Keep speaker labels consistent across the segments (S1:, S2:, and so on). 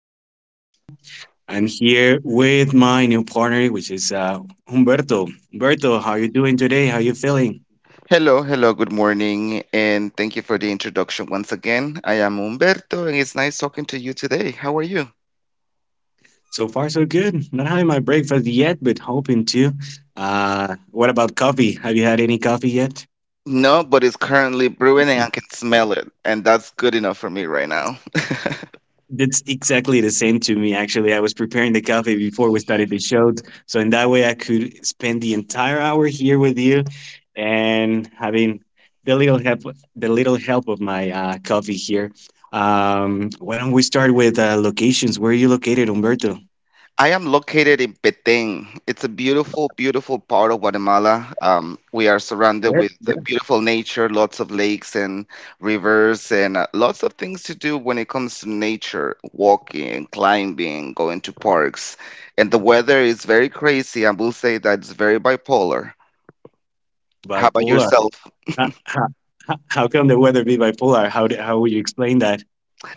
S1: my name is Juanjo. I'm here with my new partner, which is Humberto. Humberto, how you doing today? How you feeling?
S2: Hello, hello, good morning, and thank you for the introduction once again. I am Humberto, and it's nice talking to you today. How are you?
S1: So far, so good. Not having my breakfast yet, but hoping to. What about coffee? Have you had any coffee yet?
S2: No, but it's currently brewing, and I can smell it, and that's good enough for me right now.
S1: That's exactly the same to me, actually. I was preparing the coffee before we started the show. So, in that way, I could spend the entire hour here with you and having the little help, the little help of my coffee here. Why don't we start with locations? Where are you located, Umberto?
S2: I am located in Petén. It's a beautiful, beautiful part of Guatemala. We are surrounded
S1: Yes,
S2: with
S1: yes.
S2: beautiful nature, lots of lakes and rivers, and lots of things to do when it comes to nature, walking, climbing, going to parks. And the weather is very crazy. I will say that it's very bipolar. How about
S1: Bipolar.
S2: yourself?
S1: How, how, how come the weather be bipolar? How would you explain that?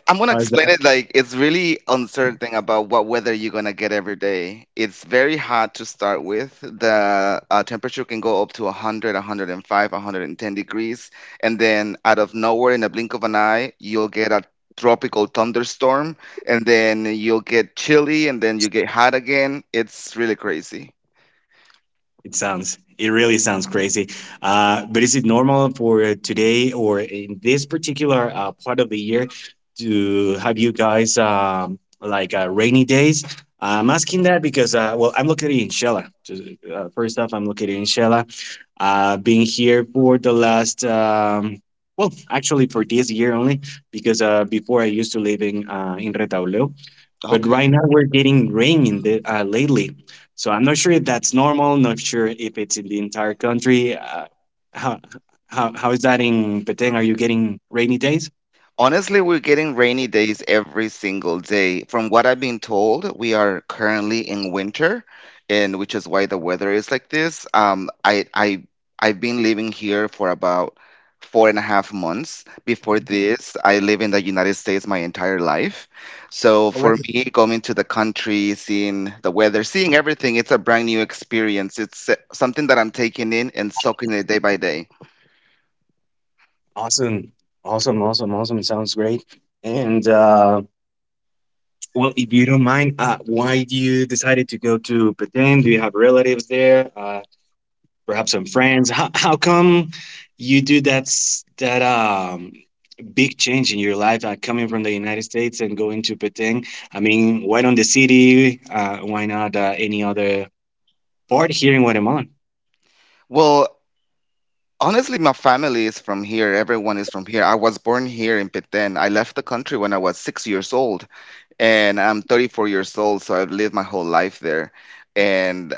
S2: I'm gonna
S1: How is
S2: explain
S1: that?
S2: it like it's really uncertain about what weather you're gonna get every day. It's very hot to start with. The temperature can go up to 100, 105, 110 degrees, and then out of nowhere, in a blink of an eye, you'll get a tropical thunderstorm, and then you'll get chilly, and then you get hot again. It's really crazy.
S1: It sounds, it really sounds crazy. But is it normal for today or in this particular part of the year to have you guys like rainy days? I'm asking that because, well, I'm located in Shela. I'm located in Shela. I've been here for the last, well, actually for this year only, because before I used to live in Retaule. But
S2: Okay.
S1: right now we're getting rain in the lately, so I'm not sure if that's normal. Not sure if it's in the entire country. How, how is that in Petén? Are you getting rainy days?
S2: Honestly, we're getting rainy days every single day. From what I've been told, we are currently in winter, and which is why the weather is like this. I've been living here for about four and a half months. Before this, I live in the United States my entire life. So
S1: Oh,
S2: for
S1: really?
S2: me, going to the country, seeing the weather, seeing everything, it's a brand new experience. It's something that I'm taking in and soaking it day by day.
S1: Awesome, awesome, awesome, awesome. Sounds great. And well, if you don't mind, why do you decided to go to Bhutan? Do you have relatives there? Perhaps some friends. How come you do that big change in your life, coming from the United States and going to Bhutan? I mean, why not the city? Why not any other Bored hearing board here in Guatemala.
S2: Well, honestly, my family is from here. Everyone is from here. I was born here in Peten. I left the country when I was 6 years old, and I'm 34 years old, so I've lived my whole life there. And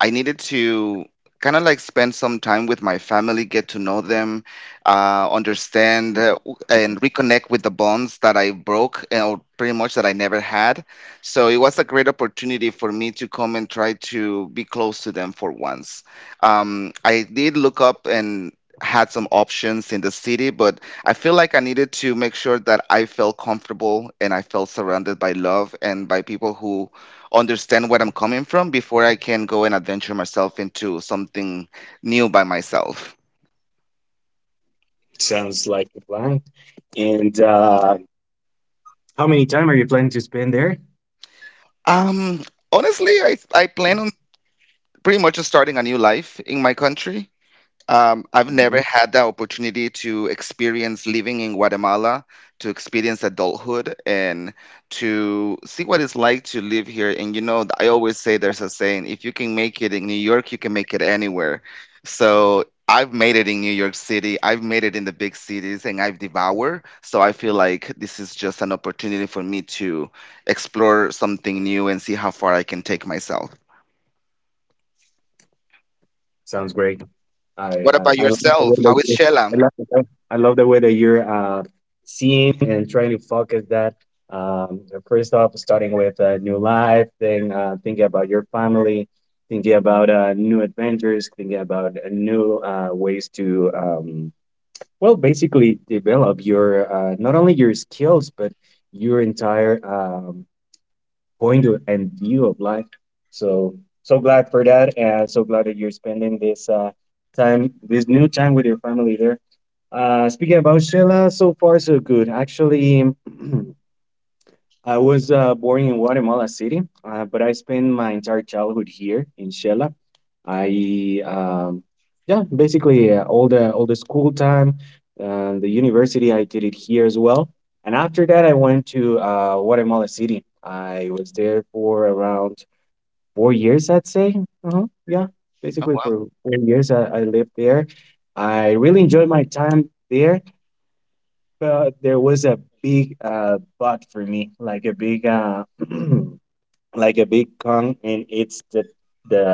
S2: I needed to kind of like spend some time with my family, get to know them, understand and reconnect with the bonds that I broke or pretty much that I never had. So it was a great opportunity for me to come and try to be close to them for once. I did look up and had some options in the city, but I feel like I needed to make sure that I felt comfortable and I felt surrounded by love and by people who understand where I'm coming from before I can go and adventure myself into something new by myself.
S1: Sounds like a plan. And how many time are you planning to spend there?
S2: Um, honestly, I plan on pretty much just starting a new life in my country. I've never
S1: Mhm.
S2: had the opportunity to experience living in Guatemala, to experience adulthood, and to see what it's like to live here. And you know, I always say there's a saying if you can make it in New York, you can make it anywhere. So I've made it in New York City, I've made it in the big cities, and I've devoured. So I feel like this is just an opportunity for me to explore something new and see how far I can take myself.
S1: Sounds great. I
S2: What
S1: I,
S2: about
S1: I love the way
S2: yourself?
S1: that
S2: How is
S1: I
S2: Shela?
S1: love the way, I love the way that you're seeing and trying to focus that. First off, starting with a new life, then thinking about your family, thinking about new adventures, thinking about new ways to well, basically develop your not only your skills but your entire point and view of life. So so glad for that, and so glad that you're spending this time, this new time with your family there. Speaking about Sheila, so far so good. Actually, I was born in Guatemala City, but I spent my entire childhood here in Shela. I yeah, basically all the school time, the university I did it here as well. And after that, I went to Guatemala City. I was there for around 4 years, I'd say. Uh-huh. Yeah, basically
S2: Oh,
S1: for 4 years I lived there. I really enjoyed my time there. But there was a big but for me, like a big like a big con, and it's the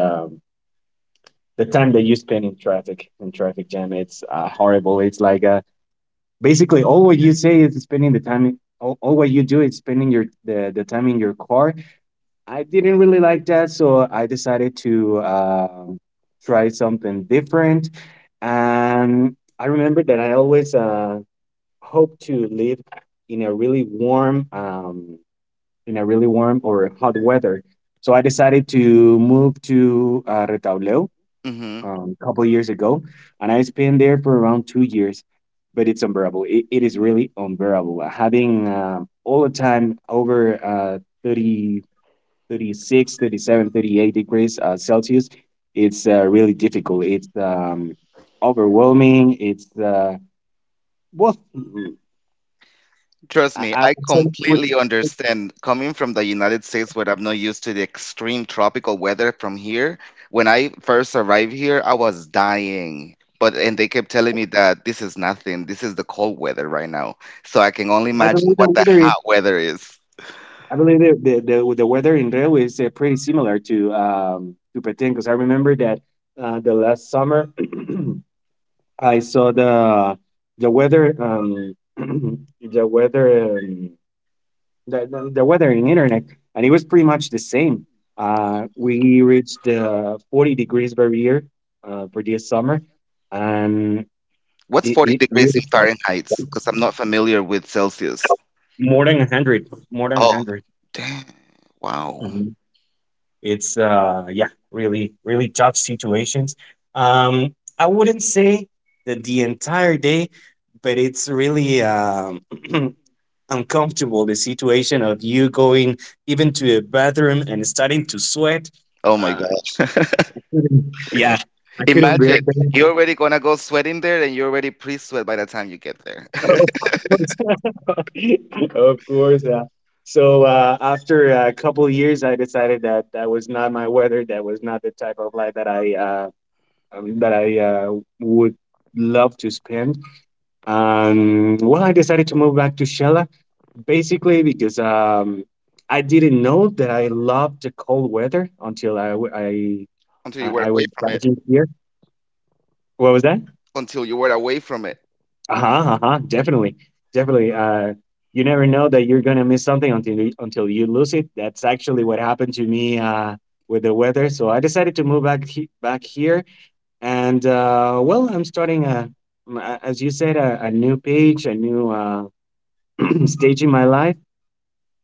S1: the time that you spend in traffic jam. It's horrible. It's like basically all what you say is spending the time. All what you do is spending your the time in your car. I didn't really like that, so I decided to try something different. And I remember that I always hope to live in a really warm in a really warm or hot weather. So I decided to move to Retauleu
S2: wow.
S1: a couple years ago, and I spent there for around 2 years. But it's unbearable. It is really unbearable. Having all the time over 30, 36, 37, 38 degrees Celsius, it's really difficult. It's overwhelming. It's well,
S2: Trust
S1: I,
S2: me,
S1: I
S2: I
S1: would say with,
S2: completely understand. Coming from the United States, where I'm not used to the extreme tropical weather from here, when I first arrived here, I was dying. But and they kept telling me that this is nothing. This is the cold weather right now. So I can only
S1: I
S2: imagine
S1: believe the
S2: what the
S1: weather is
S2: hot weather is.
S1: I believe the weather in Reu is pretty similar to Petén because I remember that the last summer I saw the weather the weather the weather in internet and it was pretty much the same. We reached the 40 degrees barrier for this summer and
S2: What's 40
S1: it
S2: degrees in
S1: really felt
S2: Fahrenheit?
S1: like
S2: Because I'm not familiar with Celsius.
S1: more than 100 more than
S2: Oh,
S1: 100.
S2: damn. Wow.
S1: It's yeah, really really tough situations. I wouldn't say that the entire day, but it's really uncomfortable the situation of you going even to the bathroom and starting to sweat.
S2: Oh my
S1: Uh,
S2: God.
S1: yeah, I couldn't bear
S2: Imagine
S1: that.
S2: you're already gonna go sweating there and you're already pre-sweat by the time you get there
S1: Of course, of course. Yeah. So after a couple years, I decided that that was not my weather. That was not the type of life that I would love to spend. And well, I decided to move back to Shella basically because I didn't know that I loved the cold weather until I w-
S2: until you were
S1: I was
S2: away from it.
S1: graduate here. What was that?
S2: Until you were away from it.
S1: Uh huh. Uh huh. Definitely. Definitely. You never know that you're gonna miss something until until you lose it. That's actually what happened to me with the weather. So I decided to move back back here. And well, I'm starting as you said, a new page, a new stage in my life,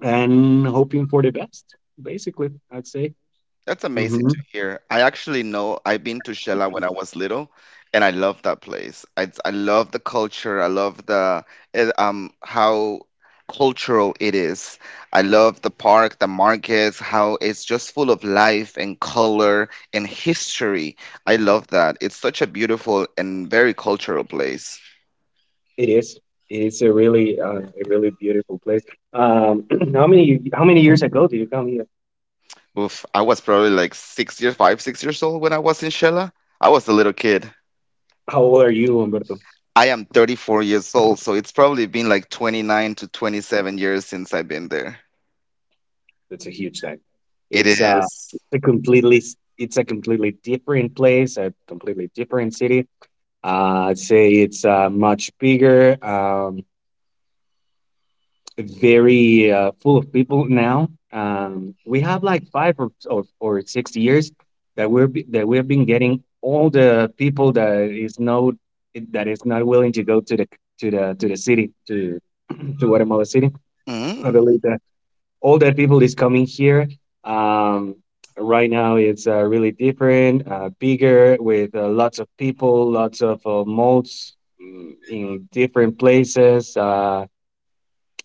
S1: and hoping for the best. Basically, I'd say
S2: That's amazing
S1: hmm
S2: to hear. I actually know I've been to Shela when I was little, and I love that place. I love the culture. I love the how cultural it is. I love the park, the markets, how it's just full of life and color and history. I love that. It's such a beautiful and very cultural place.
S1: it is. It's a really beautiful place. Um, how many years ago did you come here?
S2: Oof, I was probably like 6 years, five, 6 years old when I was in Shela. I was a little kid.
S1: How old are you, Humberto?
S2: I am 34 years old, so it's probably been like 29 to 27 years since I've been there.
S1: That's a huge thing.
S2: It
S1: It's uh,
S2: is.
S1: it's a completely, it's a completely different place, a completely different city. I'd say it's much bigger. Very full of people now. We have like five or 6 years that that we have been getting all the people that is no that is not willing to go to the city to to Guatemala City. I
S2: Mm.
S1: believe that all that people is coming here. Um, right now, it's really different, bigger with lots of people, lots of malls mm, in different places.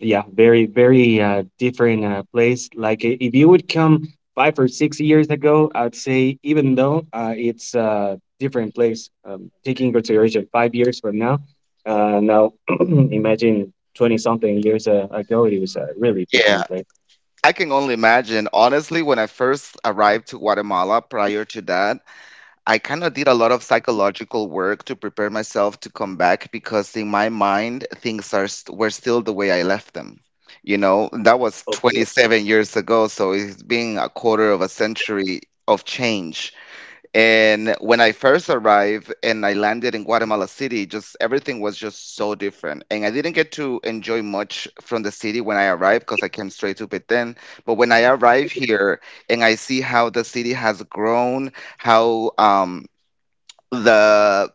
S1: Yeah very very different place like if you would come 5 or 6 years ago, I'd say even though it's a different place taking consideration 5 years from now now imagine 20 something years ago it was a really
S2: Yeah,
S1: different place.
S2: I can only imagine. Honestly, when I first arrived to Guatemala prior to that, I kind of did a lot of psychological work to prepare myself to come back because in my mind, things are were still the way I left them. You know, that was 27 years ago, so it's been a quarter of a century of change. And when I first arrived and I landed in Guatemala City, just everything was just so different. And I didn't get to enjoy much from the city when I arrived because I came straight to Petén. But when I arrived here and I see how the city has grown, how the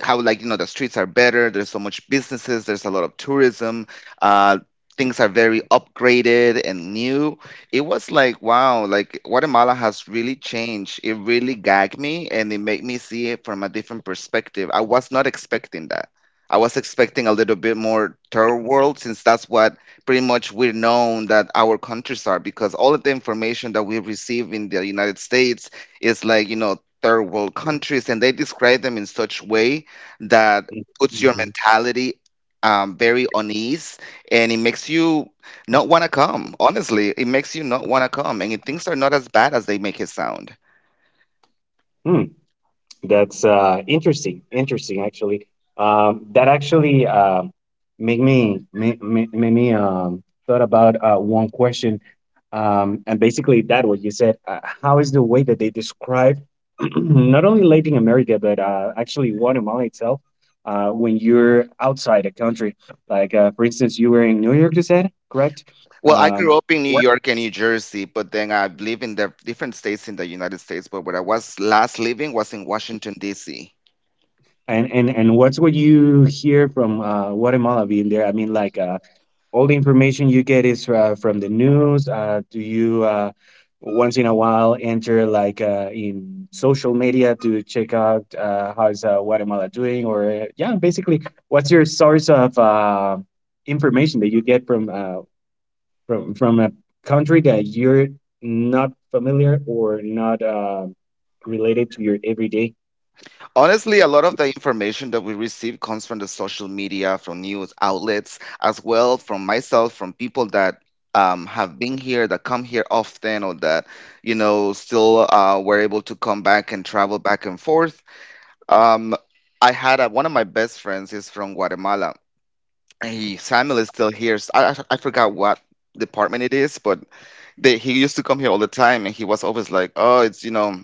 S2: how like you know the streets are better, there's so much businesses, there's a lot of tourism, uh things are very upgraded and new, it was like wow, like Guatemala has really changed. It really gagged me and it made me see it from a different perspective. I was not expecting that. I was expecting a little bit more third world since that's what pretty much we're known, that our countries are, because all of the information that we receive in the United States is like you know third world countries, and they describe them in such way that puts your mentality very on ease, and it makes you not want to come. Honestly, it makes you not want to come, and it, things are not as bad as they make it sound.
S1: Hmm hmm. That's interesting. Interesting, actually. That actually make me make, made me thought about one question, and basically that what you said. How is the way that they describe not only Latin America but actually Guatemala itself when you're outside a country? Like for instance, you were in New York, you said, correct?
S2: Well, I grew
S1: Um,
S2: up in New
S1: what?
S2: York and New Jersey, but then I live in the different states in the United States. But where I was last living was in Washington, D.C.
S1: And what's what you hear from Guatemala being there? I mean, like. All the information you get is from the news do you once in a while enter like in social media to check out how's Guatemala doing or yeah basically what's your source of information that you get from from a country that you're not familiar or not related to your everyday.
S2: Honestly, a lot of the information that we receive comes from the social media, from news outlets, as well from myself, from people that have been here, that come here often, or that you know still were able to come back and travel back and forth. Um, one of my best friends is from Guatemala. He Samuel is still here. So I forgot what department it is, but they, he used to come here all the time, and he was always like, "Oh, it's you know."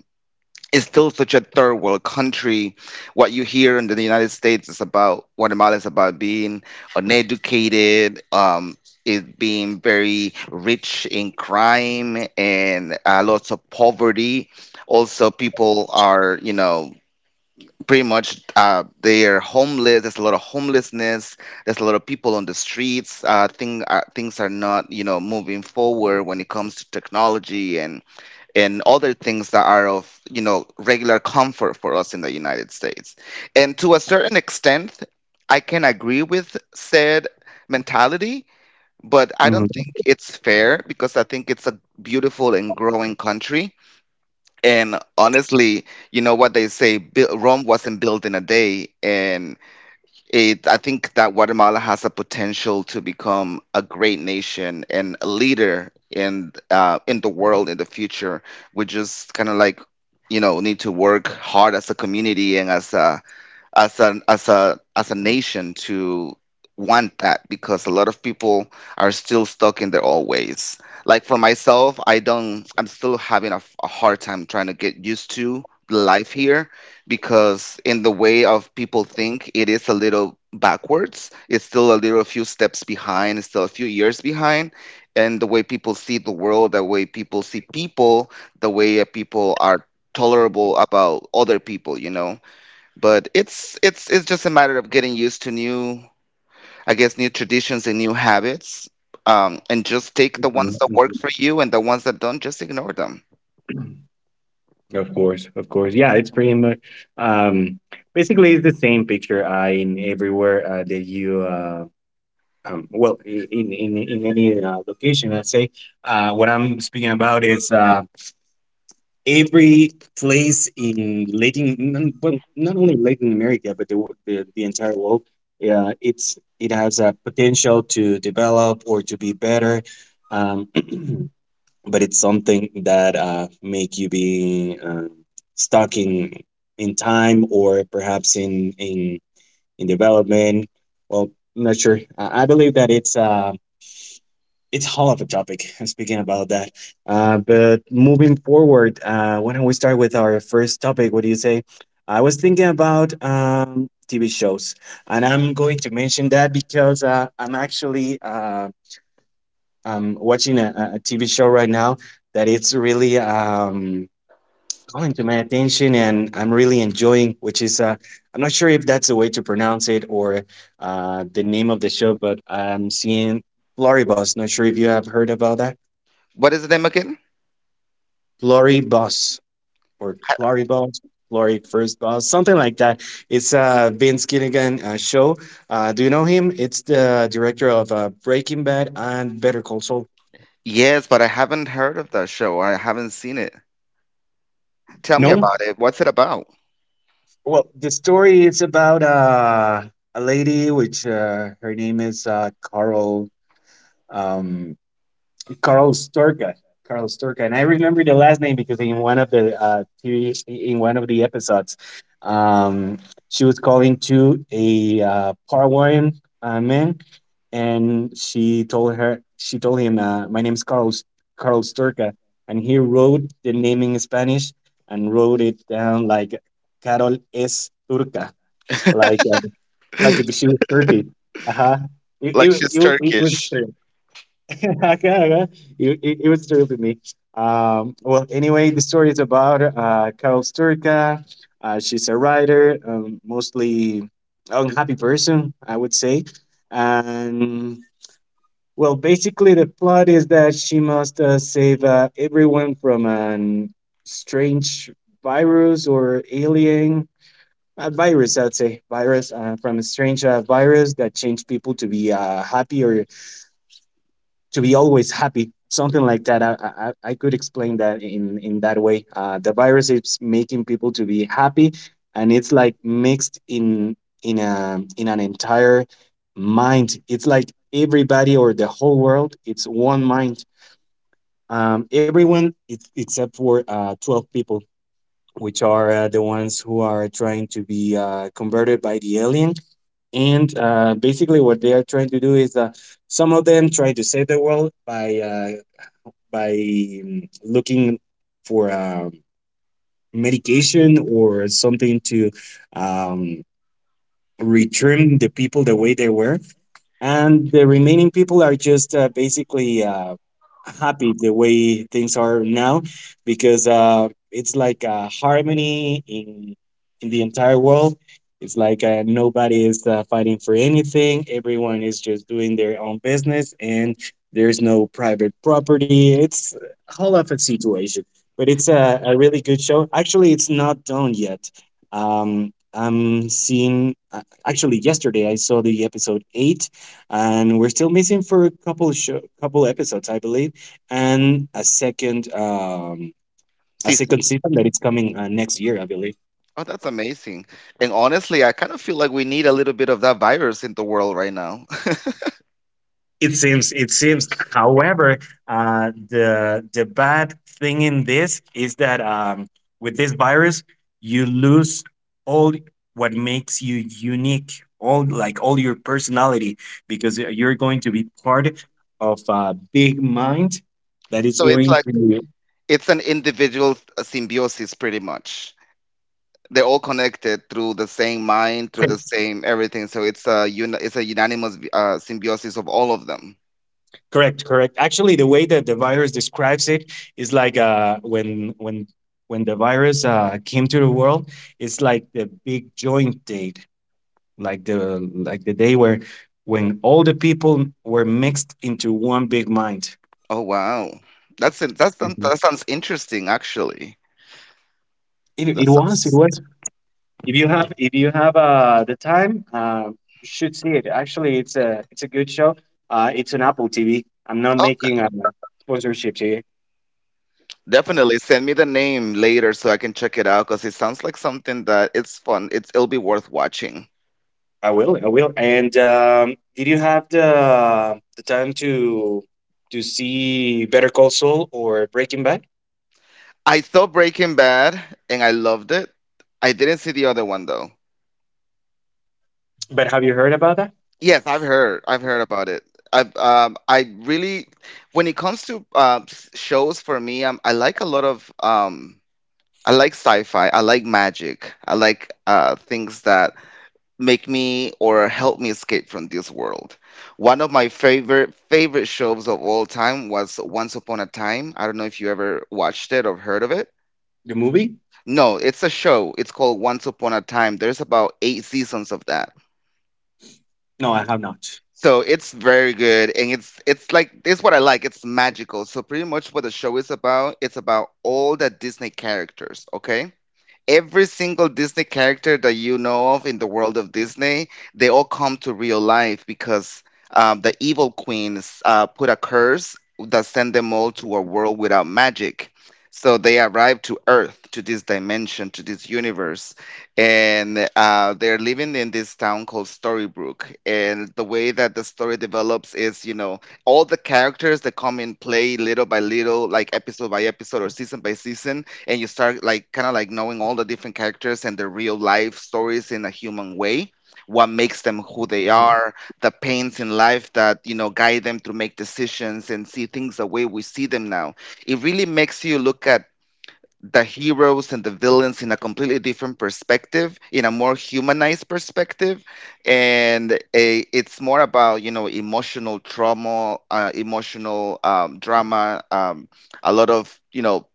S2: It's still such a third world country. What you hear in the United States is about Guatemala is about being uneducated, it being very rich in crime and lots of poverty. Also, people are you know pretty much they are homeless. There's a lot of homelessness. There's a lot of people on the streets. Things are not you know moving forward when it comes to technology and other things that are of you know regular comfort for us in the United States. And to a certain extent, I can agree with said mentality, but I don't
S1: Mhm,
S2: think it's fair because I think it's a beautiful and growing country. And honestly, you know what they say, Rome wasn't built in a day, and it, I think that Guatemala has a potential to become a great nation and a leader in in the world in the future. We just kind of like you know need to work hard as a community and as a as an as a nation to want that because a lot of people are still stuck in their old ways. Like for myself, I don't I'm still having a hard time trying to get used to life here because in the way of people think it is a little backwards. It's still a little a few steps behind, it's still a few years behind. And the way people see the world, the way people see people, the way people are tolerable about other people, you know but it's just a matter of getting used to new, I guess, new traditions and new habits. And just take the
S1: mhm,
S2: ones that work for
S1: mhm.
S2: you and the ones that don't, just ignore them.
S1: Of course, of course. Yeah, it's pretty much um basically it's the same picture in everywhere that you well in any location I'd say. What I'm speaking about is every place in Latin well not only Latin America but the entire world. Yeah it's it has a potential to develop or to be better um but it's something that make you be stuck in time or perhaps in development. Well, not sure. I believe that it's hell of a topic. Speaking about that, but moving forward, why don't we start with our first topic? What do you say? I was thinking about TV shows, and I'm going to mention that because I'm watching a TV show right now that it's really calling to my attention and I'm really enjoying, which is, I'm not sure if that's the way to pronounce it or the name of the show, but I'm seeing Floribus. Not sure if you have heard about that.
S2: What is the name again?
S1: Floribus or Floribus, Flori First Boss, something like that. It's Vince Gilligan show. Do you know him? It's the director of Breaking Bad and Better Call Saul.
S2: Yes, but I haven't heard of that show or I haven't seen it. Tell me
S1: No?
S2: about it. What's it about?
S1: Well, the story is about a lady, which her name is Carl um, Carl Storka. Carl Storka, and I remember the last name because in one of the TV, in one of the episodes, um, she was calling to a Paraguayan man, and she told him, "My name's Carl Storka," and he wrote the name in Spanish and wrote it down like Carol S. Turca, like uh, like if she was 30. Uh-huh. it,
S2: Like
S1: it,
S2: she's
S1: it, was- it was
S2: Turkish.
S1: true. Okay, okay. It was true to me. Well, anyway, the story is about Carol Sturka. She's a writer, mostly unhappy person, I would say. And well, basically the plot is that she must save everyone from an strange virus or alien a virus, I'd say. Virus from a strange virus that changed people to be happy or to be always happy. Something like that. I could explain that in that way. The virus is making people to be happy, and it's like mixed in a in an entire mind. It's like everybody or the whole world. It's one mind. Everyone it's, except for 12 people, which are the ones who are trying to be converted by the alien, and basically what they are trying to do is some of them try to save the world by looking for medication or something to um, return the people the way they were. And the remaining people are just basically happy the way things are now, because it's like a harmony in the entire world. It's like nobody is fighting for anything. Everyone is just doing their own business, and there's no private property. It's a whole of a situation, but it's a really good show. Actually, it's not done yet. Um, I'm seeing actually yesterday I saw the episode eight, and we're still missing for couple episodes, I believe, and a
S2: Season.
S1: second season that it's coming next year, I believe.
S2: Oh, that's amazing. And honestly, I kind of feel like we need a little bit of that virus in the world right now.
S1: It seems. It seems. However, the bad thing in this is that with this virus, you lose all what makes you unique, all like all your personality, because you're going to be part of a big mind that is
S2: So it's
S1: going
S2: like
S1: to.
S2: it's an individual symbiosis pretty much. They're all connected through the same mind, through the
S1: Correct,
S2: same everything. So it's it's a unanimous symbiosis of all of them.
S1: correct, correct. Actually, the way that the virus describes it is like when the virus came to the world, it's like the big joint date, like the day where when all the people were mixed into one big mind.
S2: Oh wow, that's
S1: Mhm.
S2: that sounds interesting actually.
S1: It,
S2: That
S1: it was it
S2: sounds
S1: was if you have, if you have the time, you should see it. Actually, it's a good show. It's on Apple TV. I'm not making
S2: okay.
S1: a sponsorship here.
S2: Definitely send me the name later so I can check it out because it sounds like something that it's fun. It'll be worth watching.
S1: I will, I will. And did you have the time to see Better Call Saul or Breaking Bad?
S2: I saw Breaking Bad and I loved it. I didn't see the other one though.
S1: But have you heard about that?
S2: Yes, I've heard. I've heard about it. I really when it comes to shows for me, I like a lot of I like sci-fi. I like magic. I like things that make me or help me escape from this world. One of my favorite shows of all time was Once Upon a Time. I don't know if you ever watched it or heard of it.
S1: The movie?
S2: No, it's a show. It's called Once Upon a Time. There's about eight seasons of that.
S1: No, I have not.
S2: So it's very good, and it's what I like. It's magical. So pretty much what the show is about, it's about all the Disney characters. Okay, every single Disney character that you know of in the world of Disney, they all come to real life because the evil queens put a curse that sent them all to a world without magic. So they arrive to Earth, to this dimension, to this universe, and they're living in this town called Storybrook. And the way that the story develops is, you know, all the characters that come in play little by little, like episode by episode or season by season, and you start like kind of like knowing all the different characters and their real life stories in a human way, what makes them who they
S1: Mhm.
S2: are, the pains in life that, you know, guide them to make decisions and see things the way we see them now. It really makes you look at the heroes and the villains in a completely different perspective, in a more humanized perspective, and a, it's more about, you know, emotional trauma, emotional drama, a lot of, you know,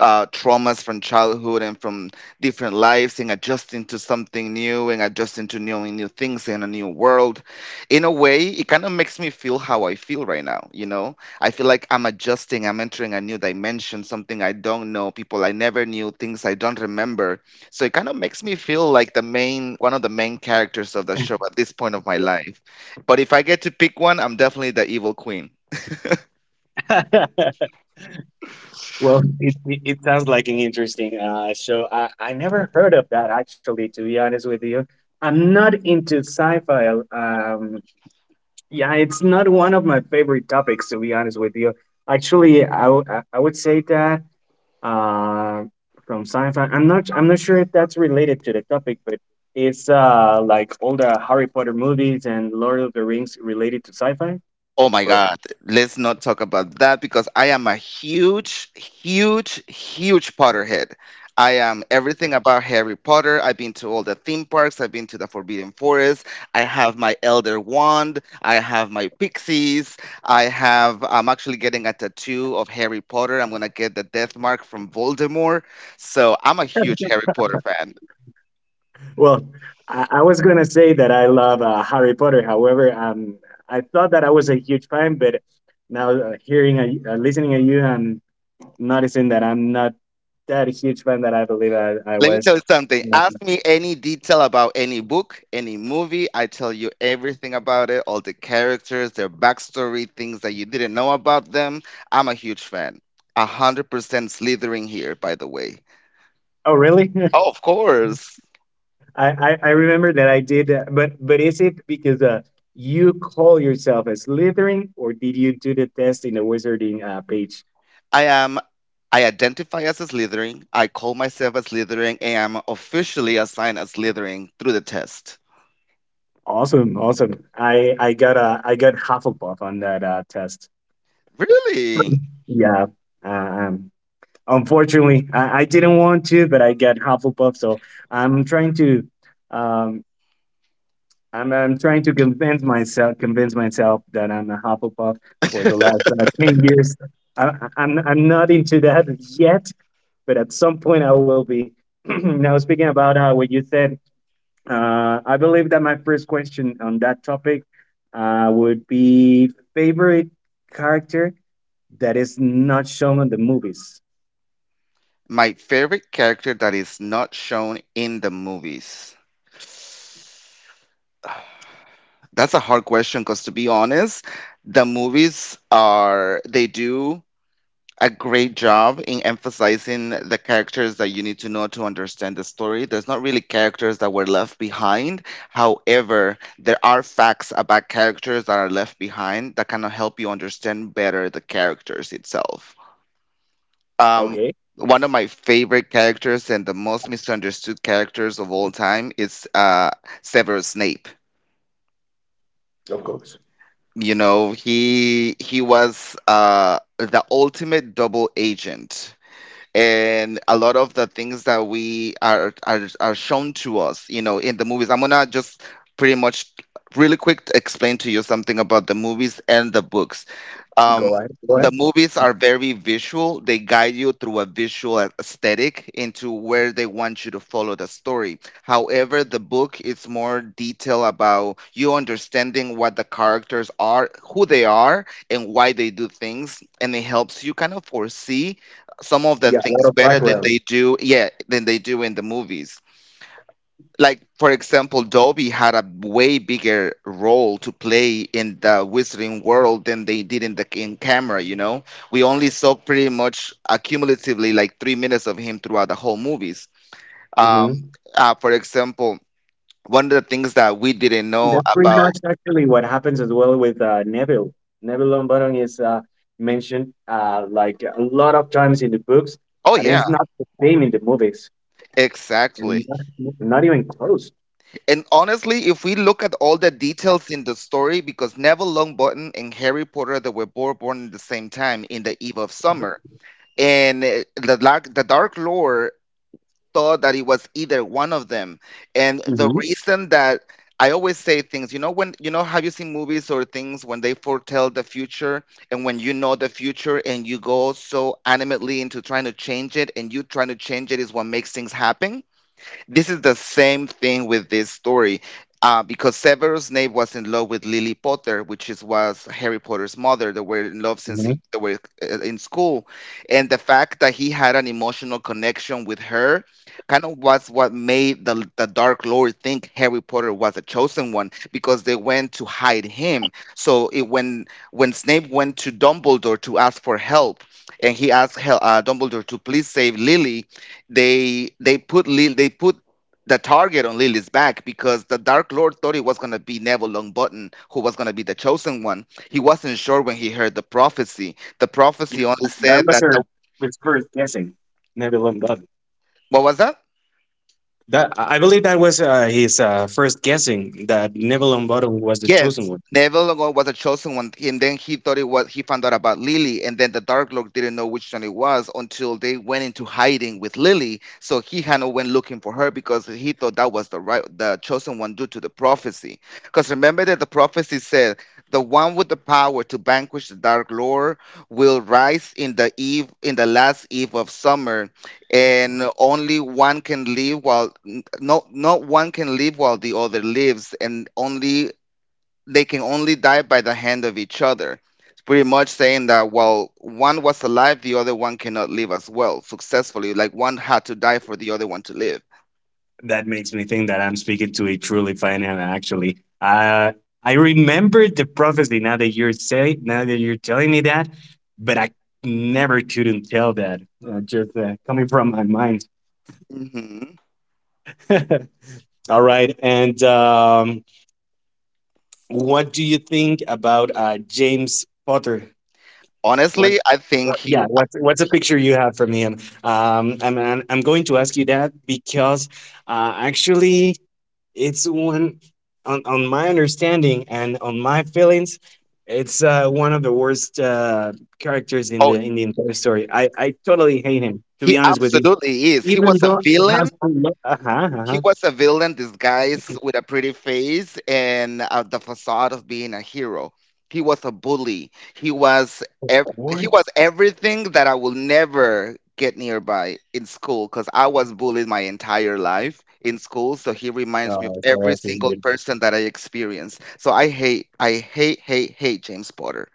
S2: traumas from childhood and from different lives and adjusting to something new and adjusting to knowing new things in a new world. In a way, it kind of makes me feel how I feel right now. You know, I feel like I'm adjusting, I'm entering a new dimension, something I don't know, people I never knew, things I don't remember. So it kind of makes me feel like the main, one of the main characters of the show at this point of my life. But if I get to pick one, I'm definitely the evil queen.
S1: Well, it sounds like an interesting show. I never heard of that, actually, to be honest with you. I'm not into sci fi. Um, yeah, it's not one of my favorite topics, to be honest with you. Actually, I, w- I would say that uh from sci-fi, I'm not sure if that's related to the topic, but it's like all the Harry Potter movies and Lord of the Rings related to sci-fi.
S2: Oh my
S1: Or
S2: God, let's not talk about that because I am a huge, huge, huge Potter head. I am everything about Harry Potter. I've been to all the theme parks, I've been to the Forbidden Forest. I have my Elder Wand, I have my Pixies. I have, I'm actually getting a tattoo of Harry Potter. I'm going to get the death mark from Voldemort. So I'm a huge Harry Potter fan.
S1: well, I was gonna say that I love Harry Potter. However, I thought that I was a huge fan, but now hearing listening to you, I'm noticing that I'm not that huge fan that I believe I
S2: Let me
S1: was.
S2: tell you something.
S1: Uh,
S2: Ask me any detail about any book, any movie. I tell you everything about it, all the characters, their backstory, things that you didn't know about them. I'm a huge fan. A 100% Slytherin here, by the way.
S1: oh, really?
S2: Oh, of course.
S1: I remember that I did, but is it because you call yourself a Slytherin, or did you do the test in the Wizarding page?
S2: I am. I identify as a Slytherin. I call myself a Slytherin, and I'm officially assigned as Slytherin through the test.
S1: Awesome, awesome. I got Hufflepuff on that test.
S2: Really?
S1: Yeah. Uh, um, unfortunately, I didn't want to, but I got Hufflepuff, so I'm trying to um I'm trying to convince myself that I'm a Hufflepuff for the last 10 years. I'm not into that yet, but at some point I will be. Now, speaking about what you said, I believe that my first question on that topic would be favorite character that is not shown on the movies.
S2: My favorite character that is not shown in the movies. That's a hard question because, to be honest, the movies are, they do a great job in emphasizing the characters that you need to know to understand the story. There's not really characters that were left behind. However, there are facts about characters that are left behind that kind of help you understand better the characters itself. Um,
S1: Okay,
S2: One of my favorite characters and the most misunderstood characters of all time is Severus Snape.
S1: of course.
S2: You know, he was the ultimate double agent. And a lot of the things that we are shown to us, you know, in the movies. I'm gonna just pretty much really quick to explain to you something about the movies and the books, um,
S1: Go ahead. Go
S2: the
S1: ahead.
S2: movies are very visual. They guide you through a visual aesthetic into where they want you to follow the story. However, the book is more detail about you understanding what the characters are, who they are, and why they do things, and it helps you kind of foresee some of the
S1: Yeah, a lot
S2: things
S1: of
S2: better than
S1: background.
S2: they do, yeah, than they do in the movies. Like for example, Dobby had a way bigger role to play in the wizarding world than they did in the in camera. You know, we only saw pretty much accumulatively like 3 minutes of him throughout the whole movies. um
S1: Hmm.
S2: for example, one of the things that we didn't know
S1: That's pretty
S2: about.
S1: much actually what happens as well with Neville. Neville Longbottom is mentioned like a lot of times in the books,
S2: Oh
S1: and
S2: yeah,
S1: it's not the same in the movies.
S2: exactly.
S1: And not not even close.
S2: And honestly, if we look at all the details in the story, because Neville Longbottom and Harry Potter, they were both born at the same time in the eve of summer, and the dark, the Dark Lord thought that it was either one of them. And the
S1: Hmm.
S2: reason that I always say, things, you know, when you, know have you seen movies or things when they foretell the future, and when you know the future and you go so animately into trying to change it, and you trying to change it is what makes things happen. This is the same thing with this story. Because Severus Snape was in love with Lily Potter, which is was Harry Potter's mother. They were in love since
S1: Hmm.
S2: they were in school, and the fact that he had an emotional connection with her kind of was what made the Dark Lord think Harry Potter was a chosen one, because they went to hide him. So it, when Snape went to Dumbledore to ask for help, and he asked Dumbledore to please save Lily, they put Lily, they put the target on Lily's back because the Dark Lord thought it was going to be Neville Longbottom who was going to be the chosen one. He wasn't sure when he heard the prophecy. The
S1: Yeah,
S2: prophecy only
S1: that that
S2: said
S1: was
S2: that
S1: her
S2: the,
S1: his first guessing. Nebulon Bottom.
S2: what was that?
S1: That I believe that was his first guessing, that Nebulon Bottom was the chosen
S2: Yes,
S1: one.
S2: Neville was a chosen one, and then he thought it was, he found out about Lily, and then the Dark Lord didn't know which one it was until they went into hiding with Lily. So he had no, went looking for her because he thought that was the right, the chosen one due to the prophecy. Because remember that the prophecy said the one with the power to vanquish the Dark Lord will rise in the eve, in the last eve of summer, and only one can live while no, not one can live while the other lives, and only they can only die by the hand of each other. It's pretty much saying that while one was alive, the other one cannot live as well successfully. Like one had to die for the other one to live.
S1: That makes me think that I'm speaking to a truly fan. And actually, I remember the prophecy now that you're say now that you're telling me that, but I never couldn't tell that. Just coming from my mind.
S2: Hmm.
S1: All right, and what do you think about James Potter? What,
S2: Honestly, I think
S1: what?
S2: he.
S1: Yeah. What's a picture you have from him? I'm going to ask you that because actually, it's one on my understanding and on my feelings, it's one of the worst characters in
S2: Oh,
S1: the entire story. I totally hate him. To
S2: he
S1: be honest with you,
S2: absolutely is. He
S1: even
S2: was a
S1: though it
S2: villain.
S1: has. Uh huh. Uh
S2: He
S1: huh.
S2: was a villain disguised with a pretty face and the facade of being a hero. He was a bully. Ev- he
S1: Worst.
S2: was everything that I will never get nearby in school because I was bullied my entire life in school. So he reminds me of
S1: Oh, sorry. I
S2: every
S1: have to read
S2: single
S1: it.
S2: person that I experienced. So I hate, hate, hate James Potter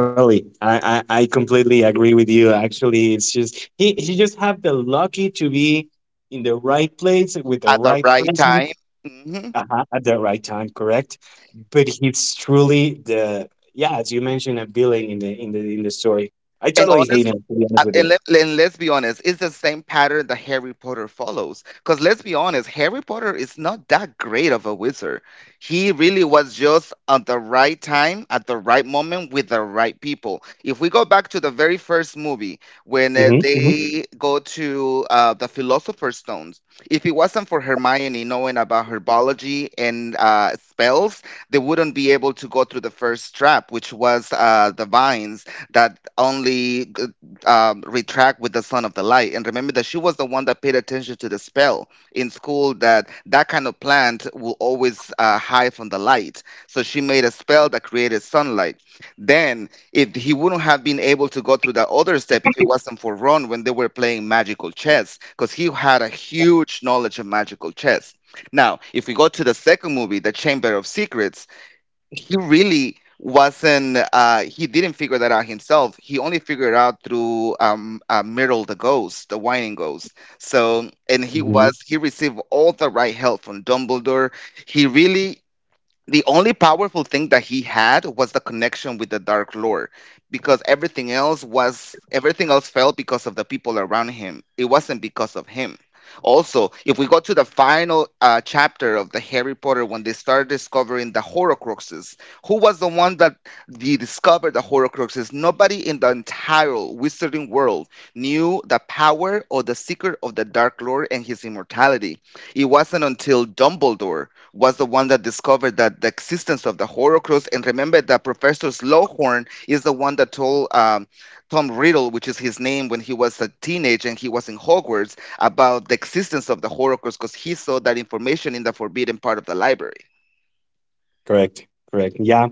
S1: Totally. I completely agree with you. Actually, it's just he just have the lucky to be in the right place with the
S2: at the
S1: right
S2: right
S1: person
S2: time. Hmm.
S1: at the right time, correct? But he's truly the yeah, as you mentioned, a villain in the story. I
S2: And
S1: totally hate
S2: honestly,
S1: him, to be honest with you.
S2: Let, and let's be honest, it's the same pattern that Harry Potter follows. Because let's be honest, Harry Potter is not that great of a wizard. He really was just at the right time, at the right moment, with the right people. If we go back to the very first movie, when
S1: Hmm.
S2: they go to the Philosopher's Stones, if it wasn't for Hermione knowing about her biology and spells, they wouldn't be able to go through the first trap, which was the vines that only retract with the son of the light. And remember that she was the one that paid attention to the spell in school that that kind of plant will always hide from the light. So she made a spell that created sunlight. Then it, he wouldn't have been able to go through that other step if it wasn't for Ron when they were playing magical chess, because he had a huge knowledge of magical chess. Now, if we go to the second movie, The Chamber of Secrets, he really wasn't he didn't figure that out himself. He only figured it out through Myrtle the ghost, the whining ghost. And he
S1: Hmm.
S2: was he received all the right help from Dumbledore. He really, the only powerful thing that he had was the connection with the Dark Lord, because everything else was, everything else fell because of the people around him. It wasn't because of him. Also, if we go to the final chapter of the Harry Potter, when they start discovering the Horcruxes, who was the one that they discovered the Horcruxes? Nobody in the entire wizarding world knew the power or the secret of the Dark Lord and his immortality. It wasn't until Dumbledore was the one that discovered that, the existence of the Horcrux. And remember that Professor Slughorn is the one that told Tom Riddle, which is his name, when he was a teenager and he was in Hogwarts, about the existence of the Horcrux, because he saw that information in the forbidden part of the library,
S1: Correct. Correct. Yeah.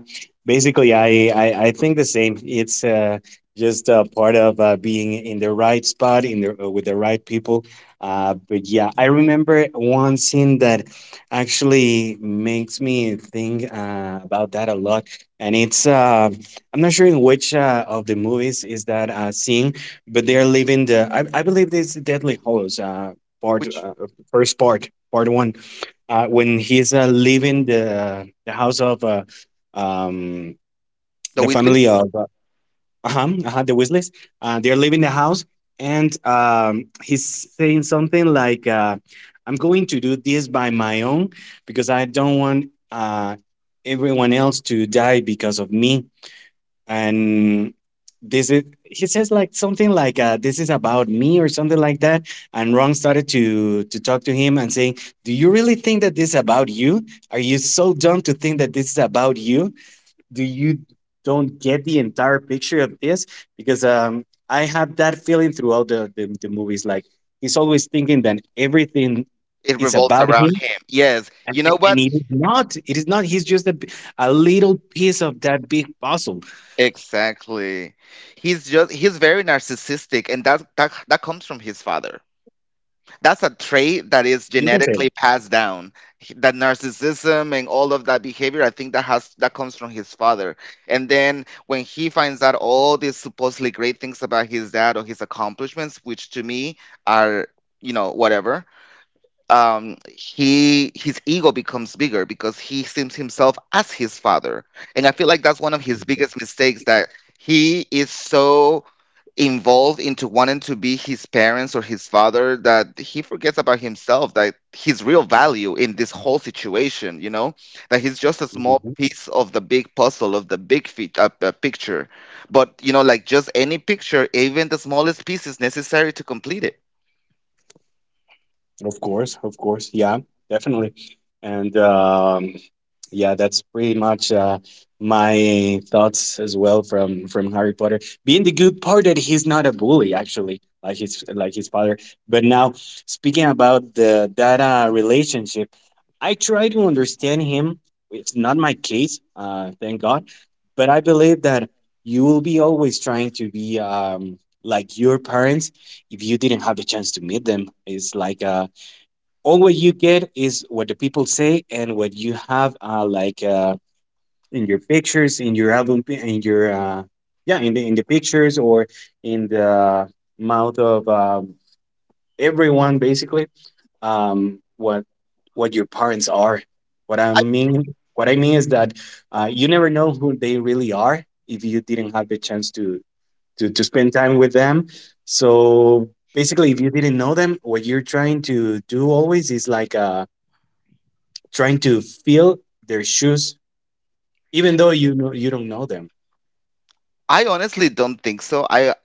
S1: Basically, I think the same. It's just part of being in the right spot in the, with the right people. But yeah, I remember one scene that actually makes me think about that a lot. And it's, I'm not sure in which of the movies is that scene, but they're leaving the, I believe it's Deadly Hollows, part,
S2: which
S1: uh, part one when he's leaving the house of um,
S2: the
S1: the family
S2: Weasleys.
S1: of uh-huh, uh-huh, the Weasleys. They're leaving the house, and he's saying something like, "I'm going to do this by my own because I don't want uh, everyone else to die because of me." And this is he says like something like this is about me or something like that. And Ron started to talk to him and saying, do you really think that this is about you? Are you so dumb to think that this is about you? Do you don't get the entire picture of this? Because I have that feeling throughout the movies, like he's always thinking that everything
S2: It
S1: is
S2: revolves
S1: about
S2: around
S1: him
S2: him. Yes, you know
S1: and
S2: what?
S1: it is not. It is not. He's just a, a little piece of that big puzzle.
S2: Exactly. He's just—he's very narcissistic, and that comes from his father. That's a trait that is
S1: You can say that.
S2: genetically passed down. That narcissism and all of that behavior, I think that has, that comes from his father. And then when he finds out all these supposedly great things about his dad, or his accomplishments, which to me are, whatever, he his ego becomes bigger because he sees himself as his father. And I feel like that's one of his
S1: Mhm.
S2: biggest mistakes, that he is so involved into wanting to be his parents or his father, that he forgets about himself, that his real value in this whole situation, you know, that he's just a small
S1: Mhm.
S2: piece of the big puzzle, of the big feat, picture. But you know, like, just any picture, even the smallest piece is necessary to complete it.
S1: Of course, of course. Yeah, definitely. And yeah, that's pretty much my thoughts as well from Harry Potter. Being the good part that he's not a bully, actually, like his father. But now speaking about the that relationship, I try to understand him. It's not my case, thank God. But I believe that you will be always trying to be like your parents if you didn't have the chance to meet them. It's like all what you get is what the people say and what you have like in your pictures, in your album in your yeah, in the pictures or in the mouth of everyone. Basically, um, what what your parents are. what i mean what I mean is that you never know who they really are if you didn't have the chance to to spend time with them. So basically, if you didn't know them, what you're trying to do always is like trying to feel their shoes, even though you don't know them.
S2: I honestly don't think so. I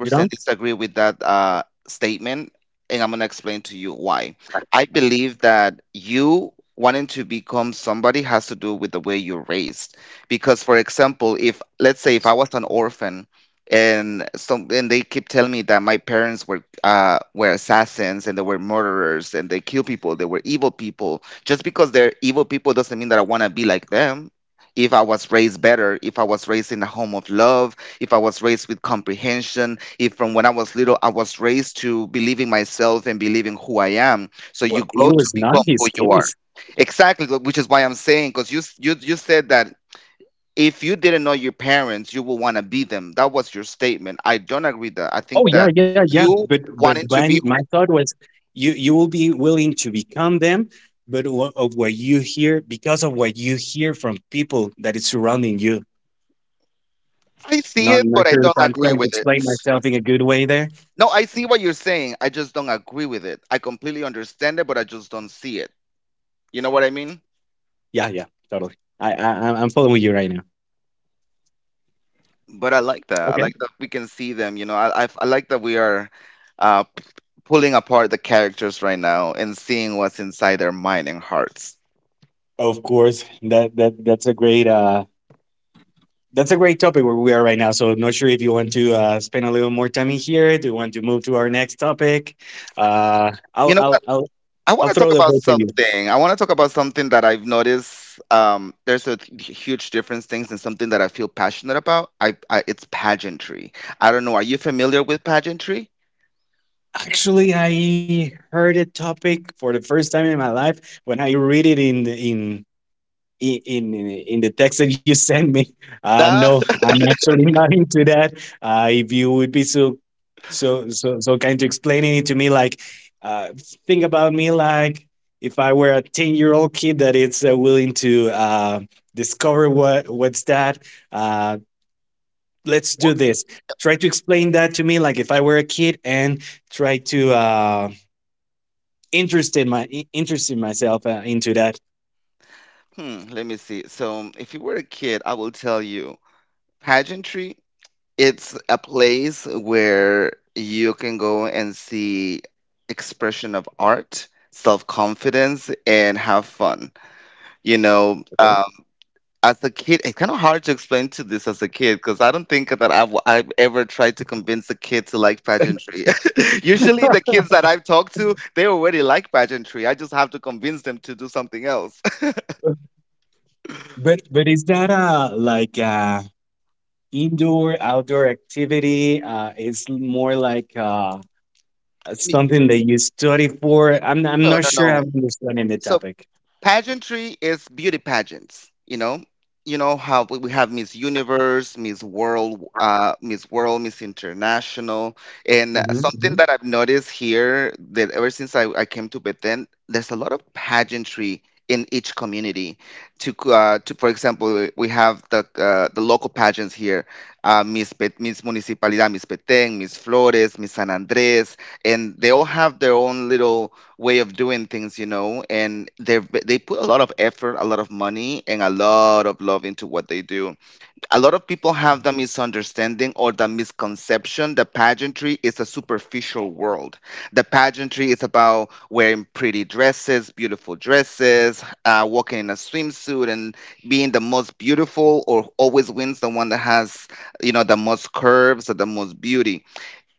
S1: You know,
S2: disagree with that statement, and I'm going to explain to you why. I believe that you wanting to become somebody has to do with the way you're raised. Because, for example, if let's say if I was an orphan and some and they keep telling me that my parents were assassins and they were murderers and they kill people, they were evil people. Just because they're evil people doesn't mean that I want to be like them. If I was raised better, if I was raised in a home of love, if I was raised with comprehension, if from when I was little I was raised to believing myself and believing who I am. So you
S1: well, it
S2: grow to
S1: was not
S2: become who
S1: his
S2: you are.
S1: case.
S2: Exactly, which is why I'm saying, because you you said that if you didn't know your parents, you would want to be them. That was your statement. I don't agree with that. I
S1: Oh,
S2: think that
S1: yeah, yeah, yeah.
S2: you
S1: But
S2: wanted to
S1: when
S2: be.
S1: my
S2: Who,
S1: thought was, you will be willing to become them, but wha- of what you hear because of what you hear from people that is surrounding you.
S2: I see
S1: Not
S2: it,
S1: not
S2: but I
S1: sure if
S2: don't
S1: I'm
S2: agree
S1: trying to
S2: with it.
S1: explain myself in a good way there.
S2: No, I see what you're saying. I just don't agree with it. I completely understand it, but I just don't see it. You know what I mean?
S1: Yeah, yeah, totally. I'm following you right now.
S2: But I like that. I
S1: Okay.
S2: like that we can see them. I like that we are uh, p- pulling apart the characters right now and seeing what's inside their mind and hearts.
S1: Of course, that's a great that's a great topic where we are right now. So I'm not sure if you want to spend a little more time in here. Do you want to move to our next topic? Uh, I'll,
S2: You know
S1: I'll,
S2: what?
S1: I'll,
S2: I want
S1: I'll
S2: to
S1: throw
S2: talk
S1: the
S2: about
S1: ball to you.
S2: something. I want to talk about something that I've noticed. There's a huge difference things, and something that I feel passionate about. I it's pageantry. I don't know. Are you familiar with pageantry?
S1: Actually, I heard a topic for the first time in my life when I read it in the text that you sent me. No,
S2: Ah,
S1: I'm actually not into that. If you would be so kind to explaining it to me, like uh, think about me like if I were a 10 year old kid that is willing to discover what's that. Uh, let's do
S2: well,
S1: this. Try to explain that to me like if I were a kid and try to interest in my interest in myself into that.
S2: hmm, let me see. So, if you were a kid, I will tell you pageantry. It's a place where you can go and see expression of art, self-confidence, and have fun. You know, um, as a kid, it's kind of hard to explain to this as a kid because I don't think that I've ever tried to convince a kid to like pageantry. Usually, the kids that I've talked to, they already like pageantry. I just have to convince them to do something else.
S1: But is that like indoor outdoor activity is more like
S2: Me-
S1: something that you study for I'm
S2: No, no,
S1: not sure
S2: no.
S1: I'm understanding the
S2: So
S1: topic.
S2: pageantry is beauty pageants. You know, you know how we have Miss Universe, Miss World, Miss International, and
S1: hmm
S2: something
S1: hmm
S2: that I've noticed here, that ever since I came to Bethlehem, there's a lot of pageantry in each community. To for example, we have the local pageants here, Miss Municipalidad, Miss Petén, Miss Flores, Miss San Andres, and they all have their own little way of doing things, you know, and they put a lot of effort, a lot of money, and a lot of love into what they do. A lot of people have the misunderstanding or the misconception that pageantry is a superficial world. The pageantry is about wearing pretty dresses, beautiful dresses, walking in a swimsuit, and being the most beautiful, or always wins the one that has, you know, the most curves or the most beauty.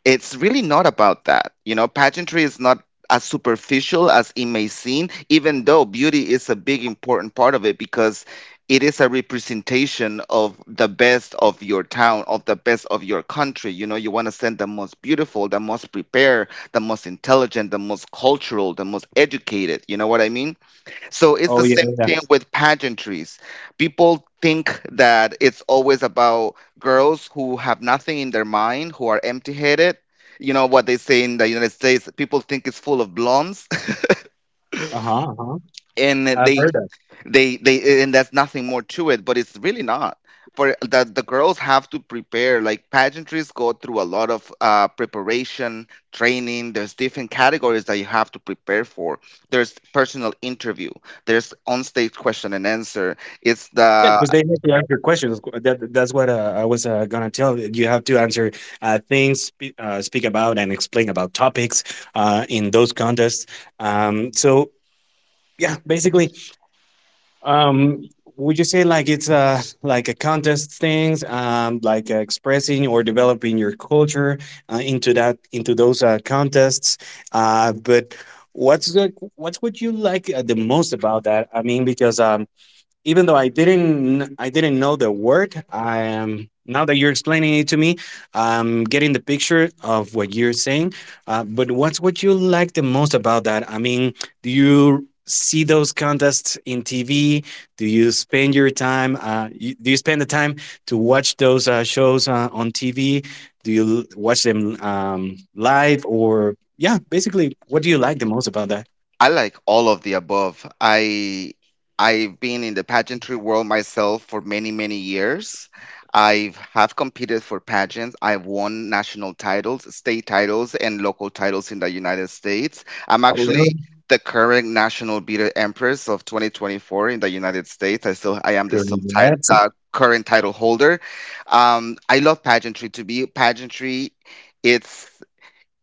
S2: It's really not about that. You know, pageantry is not as superficial as it may seem, even though beauty is a big important part of it, because it is a representation of the best of your town, of the best of your country. You know, you want to send the most beautiful, the most prepared, the most intelligent, the most cultural, the most educated. You know what I mean? So it's
S1: oh
S2: the
S1: yeah, yeah,
S2: same
S1: yeah.
S2: thing with pageantries. People think that it's always about girls who have nothing in their mind, who are empty headed. You know what they say in the United States? People think it's full of blondes.
S1: Uh-huh, uh-huh,
S2: And
S1: I've heard that,
S2: they and that's nothing more to it. But it's really not, for the girls have to prepare. Like pageantries go through a lot of preparation, training. There's different categories that you have to prepare for. There's personal interview, there's on stage question and answer. It's
S1: yeah,
S2: the,
S1: because they have to answer questions that's what I was gonna tell you. You have to answer things speak about and explain about topics in those contests, so yeah, basically. Um, would you say like it's a like a contest things, like expressing or developing your culture into that into those contests? But what's what you like the most about that? I mean, because even though I didn't know the word, I am now that you're explaining it to me, I'm getting the picture of what you're saying. But what's what you like the most about that? I mean, do you see those contests in TV? Do you spend your time? Do you spend the time to watch those shows on TV? Do you watch them live or yeah? Basically, what do you like the most about that?
S2: I like all of the above. I've been in the pageantry world myself for many, many years. I've have competed for pageants. I've won national titles, state titles, and local titles in the United States. I'm
S1: Oh,
S2: actually
S1: really?
S2: the current national beauty empress of 2024 in the United States. I am the
S1: Congrats.
S2: current title holder. I love pageantry. To be pageantry, it's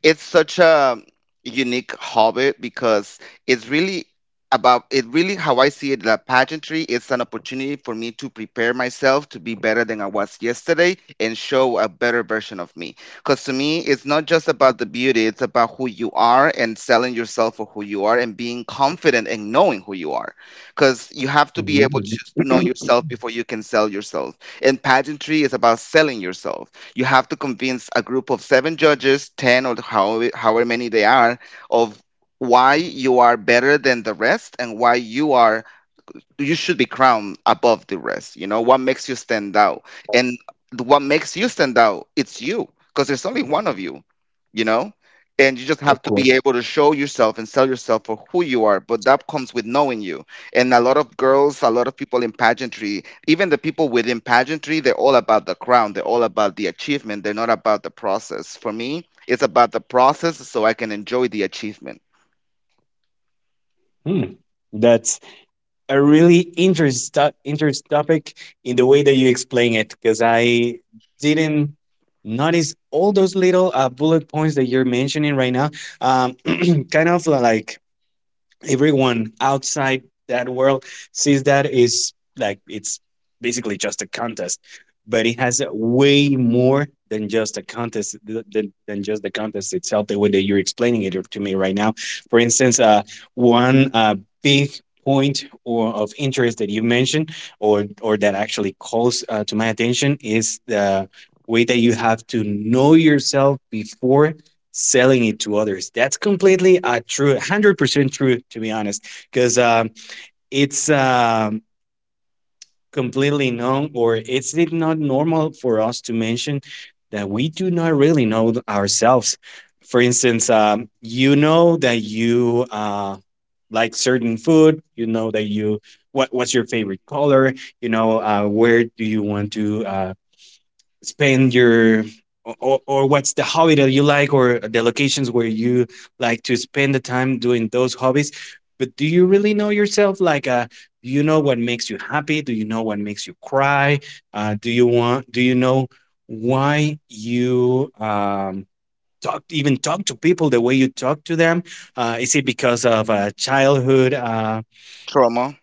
S2: it's such a unique hobby, because it's really about, it really, how I see it, that pageantry is an opportunity for me to prepare myself to be better than I was yesterday, and show a better version of me. Because to me, it's not just about the beauty. It's about who you are, and selling yourself for who you are, and being confident and knowing who you are, because you have to be able
S1: Mhm.
S2: to know yourself before you can sell yourself. And pageantry is about selling yourself. You have to convince a group of seven judges, 10, or how, however many they are, of why you are better than the rest and why you are, you should be crowned above the rest. You know what makes you stand out, and what makes you stand out, it's you, because there's only one of you. You know, and you just
S1: Of
S2: have to be
S1: course.
S2: able to show yourself and sell yourself for who you are. But that comes with knowing you. And a lot of girls, a lot of people in pageantry, even the people within pageantry, they're all about the crown. They're all about the achievement. They're not about the process. For me, it's about the process, so I can enjoy the achievement.
S1: Hmm. That's a really interesting interest topic in the way that you explain it, because I didn't notice all those little bullet points that you're mentioning right now. Um, Kind of like everyone outside that world sees that is like it's basically just a contest, but it has way more than just a contest than, just the contest itself, the way that you're explaining it to me right now. For instance, one big point or of interest that you mentioned, or that actually calls to my attention, is the way that you have to know yourself before selling it to others. That's completely true, 100% true, to be honest, because it's completely known, or it's not normal for us to mention that we do not really know ourselves. For instance, you know that you like certain food, you know what's your favorite color, you know where do you want to spend your, or what's the hobby that you like, or the locations where you like to spend the time doing those hobbies. But do you really know yourself? Like do you know what makes you happy? Do you know what makes you cry? Do you want, do you know why you talk, even talk to people the way you talk to them? Is it because of childhood
S2: Trauma,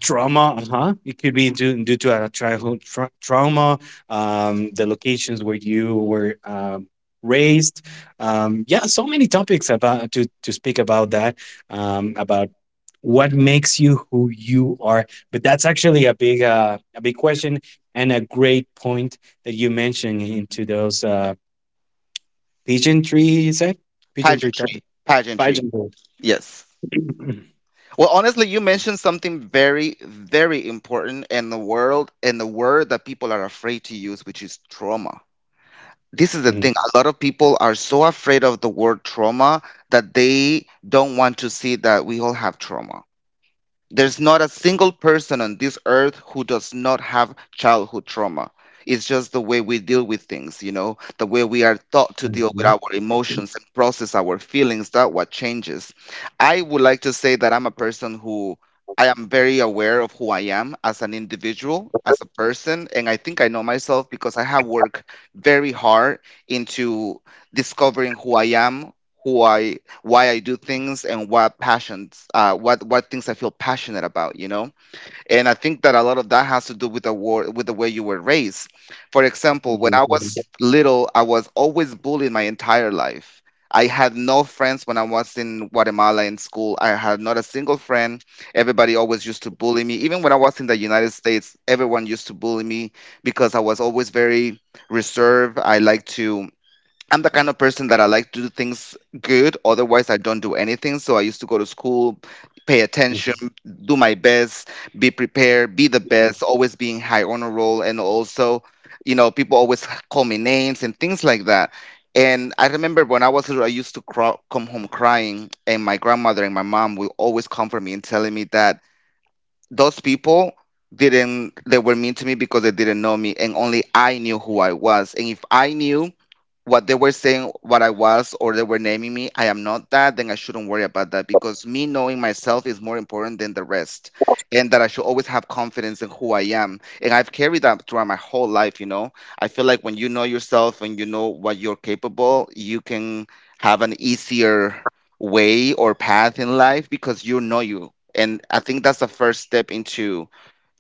S1: trauma? Uh-huh, it could be due to a childhood trauma, the locations where you were raised. Yeah, so many topics about to speak about that, about what makes you who you are. But that's actually a big question and a great point that you mentioned into those pageantry. You said pageantry
S2: pageantry,
S1: topic,
S2: pageantry.
S1: pageantry.
S2: Yes. Well, honestly, you mentioned something very, very important in the world, in the word that people are afraid to use, which is trauma. This is the
S1: Mhm.
S2: thing. A lot of people are so afraid of the word trauma that they don't want to see that we all have trauma. There's not a single person on this earth who does not have childhood trauma. It's just the way we deal with things, you know, the way we are taught to deal with
S1: Mhm.
S2: our emotions and process our feelings, that what changes. I would like to say that I'm a person who I am very aware of who I am as an individual, as a person, and I think I know myself because I have worked very hard into discovering who I am, who I why I do things, and what passions, what things I feel passionate about, you know. And I think that a lot of that has to do with the war, with the way you were raised. For example, when I
S1: Mhm.
S2: was little, I was always bullied my entire life. I had no friends when I was in Guatemala in school. I had not a single friend. Everybody always used to bully me. Even when I was in the United States, everyone used to bully me because I was always very reserved. I like to I'm the kind of person that I like to do things good. Otherwise, I don't do anything. So I used to go to school, pay
S1: Mhm.
S2: attention, do my best, be prepared, be the best, always being high honor roll. And also, people always call me names and things like that. And I remember when I was little, I used to cry, come home crying, and my grandmother and my mom would always comfort me and telling me that those people didn't they were mean to me because they didn't know me, and only I knew who I was. And if I knew what they were saying what I was, or they were naming me, I am not that, then I shouldn't worry about that, because me knowing myself is more important than the rest. And that I should always have confidence in who I am. And I've carried that throughout my whole life. I feel like when you know yourself and you know what you're capable, you can have an easier way or path in life, because you know you. And I think that's the first step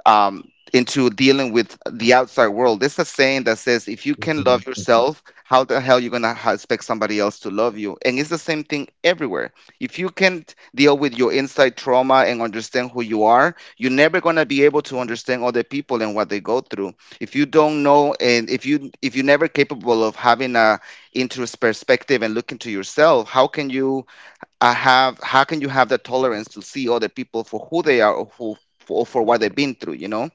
S2: um into dealing with the outside world. There's a saying that says, if you can love
S1: Mhm.
S2: yourself, how the hell you gonna expect somebody else to love you? And it's the same thing everywhere. If you can't deal with your inside trauma and understand who you are, you're never gonna be able to understand other people and what they go through. If you don't know, and if you're never capable of having a interest perspective and look into yourself, how can you I have how can you have the tolerance to see other people for who they are, or who for what they've been through, you know?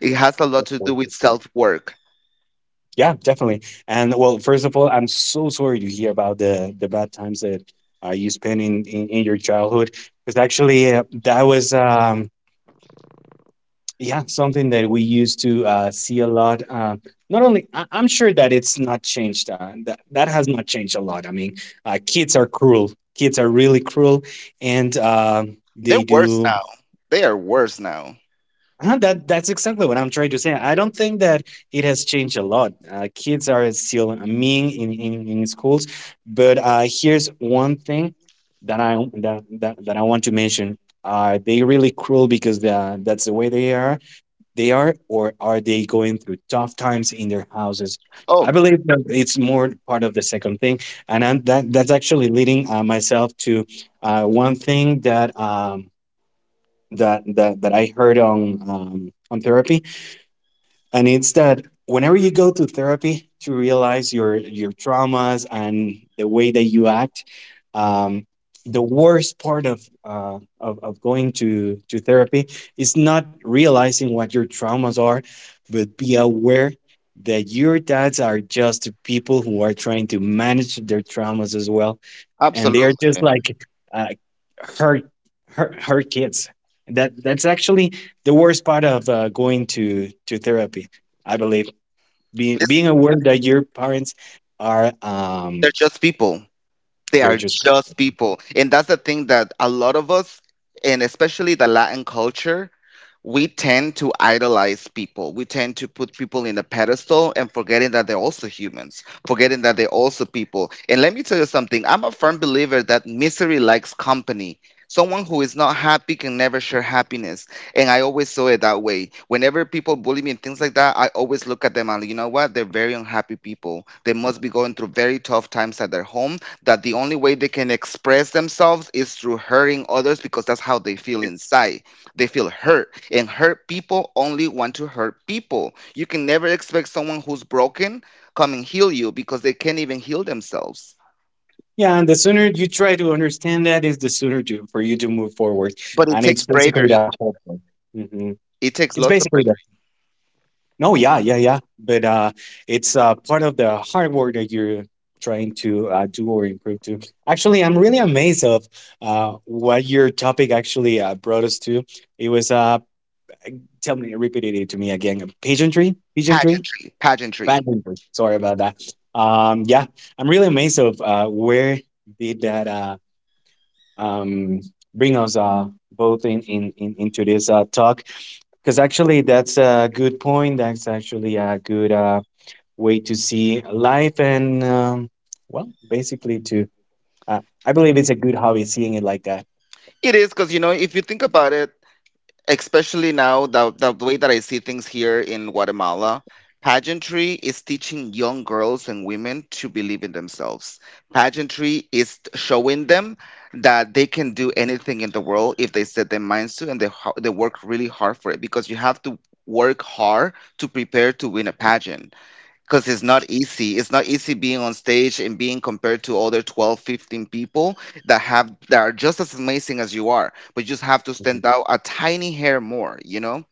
S2: It has a lot to do with
S1: Mhm.
S2: self work.
S1: Yeah, definitely. And well, first of all, I'm so sorry to hear about the bad times that you spent in your childhood. Because actually, that was yeah, something that we used to see a lot. Not only, I'm sure that it's not changed. That has not changed a lot. I mean, kids are cruel. Kids are really cruel, and
S2: They're
S1: they
S2: worse
S1: do
S2: now. They are worse now.
S1: that, that's exactly what I'm trying to say. I don't think that it has changed a lot. Kids are still mean in schools, but here's one thing that that I want to mention: Are they really cruel because that's the way they are? Or are they going through tough times in their houses? I
S2: Oh,
S1: believe that it's more part of the second thing, and I'm, that that's actually leading myself to one thing that. That I heard on therapy, and it's that whenever you go to therapy to realize your traumas and the way that you act, um, the worst part of going to therapy is not realizing what your traumas are, but be aware that your dads are just people who are trying to manage their traumas as well, and they are just
S2: absolutely.
S1: like uh, her, her kids. That's actually the worst part of going to therapy. I believe being
S2: It's,
S1: aware that your parents are
S2: they're just people. They
S1: they're
S2: are
S1: just,
S2: just people. And that's the thing, that a lot of us, and especially the Latin culture, we tend to idolize people. We tend to put people in a pedestal, and forgetting that they're also humans, forgetting that they're also people. And let me tell you something, I'm a firm believer that misery likes company. Someone who is not happy can never share happiness. And I always saw it that way. Whenever people bully me and things like that, I always look at them and, you know what? They're very unhappy people. They must be going through very tough times at their home, that the only way they can express themselves is through hurting others, because that's how they feel inside. They feel hurt, and hurt people only want to hurt people. You can never expect someone who's broken come and heal you, because they can't even heal themselves.
S1: yeah. And the sooner you try to understand that, is the sooner to for you to move forward.
S2: But it
S1: And it's
S2: takes
S1: basically the
S2: bravery.
S1: whole point. hmm
S2: It
S1: It's
S2: takes lots of
S1: basically the,
S2: bravery.
S1: no, yeah, yeah, yeah. But it's part of the hard work that you're trying to do or improve to. Actually, I'm really amazed of what your topic actually brought us to. It was tell me, repeat it to me again. Pageantry, pageantry,
S2: Pageantry, pageantry.
S1: pageantry. Sorry about that. Yeah, I'm really amazed of where did that um, bring us both in into this talk, because actually that's a good point, that's actually a good way to see life, and well, basically to I believe it's a good hobby seeing it like that.
S2: It is, because you know, if you think about it, especially now, the way that I see things here in Guatemala, pageantry is teaching young girls and women to believe in themselves. Pageantry is showing them that they can do anything in the world if they set their minds to, and they work really hard for it, because you have to work hard to prepare to win a pageant, because it's not easy. It's not easy being on stage and being compared to other 12, 15 people that are just as amazing as you are, but you just have to
S1: Mhm.
S2: stand out a tiny hair more.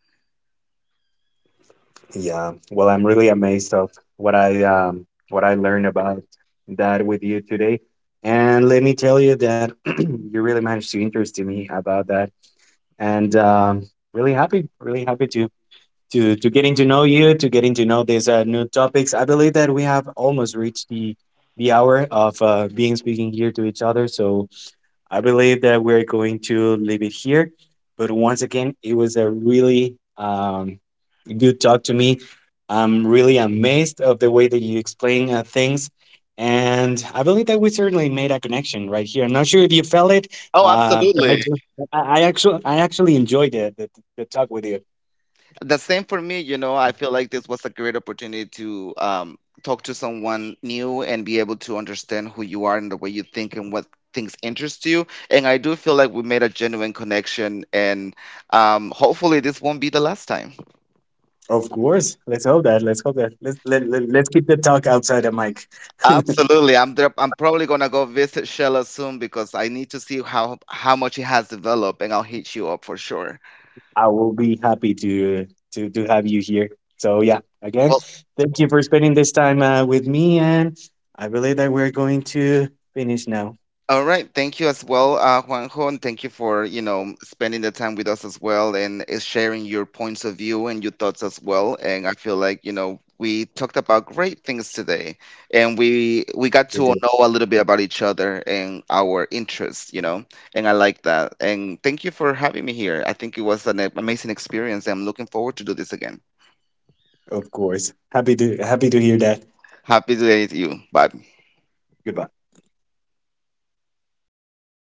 S1: Yeah, well, I'm really amazed of what I learned about that with you today, and let me tell you that you really managed to interest me about that, and really happy to getting to know you, to getting to know these new topics. I believe that we have almost reached the hour of being speaking here to each other. So I believe that we're going to leave it here. But once again, it was a really good talk to me. I'm really amazed of the way that you explain things. And I believe that we certainly made a connection right here. I'm not sure if you felt it,
S2: Oh,
S1: uh, but I,
S2: absolutely.
S1: just, I, I actually enjoyed the, the talk with you.
S2: The same for me. I feel like this was a great opportunity to talk to someone new and be able to understand who you are and the way you think and what things interest you, and I do feel like we made a genuine connection, and hopefully this won't be the last time.
S1: Of course, let's hope that. Let's hope that. Let's keep the talk outside the mic.
S2: Absolutely. I'm probably gonna go visit Shella soon, because I need to see how much it has developed, and I'll hit you up for sure.
S1: I will be happy to have you here. So yeah, again,
S2: Well,
S1: thank you for spending this time with me, and I believe that we're going to finish now.
S2: all right, thank you as well, Juanjo, and thank you for spending the time with us as well, and sharing your points of view and your thoughts as well. And I feel like we talked about great things today, and we got to
S1: With
S2: know a little bit about each other and our interests. And I like that. And thank you for having me here. I think it was an amazing experience. I'm looking forward to do this again.
S1: Of course. Happy to, happy to hear that.
S2: Happy day to you. Bye.
S1: Goodbye.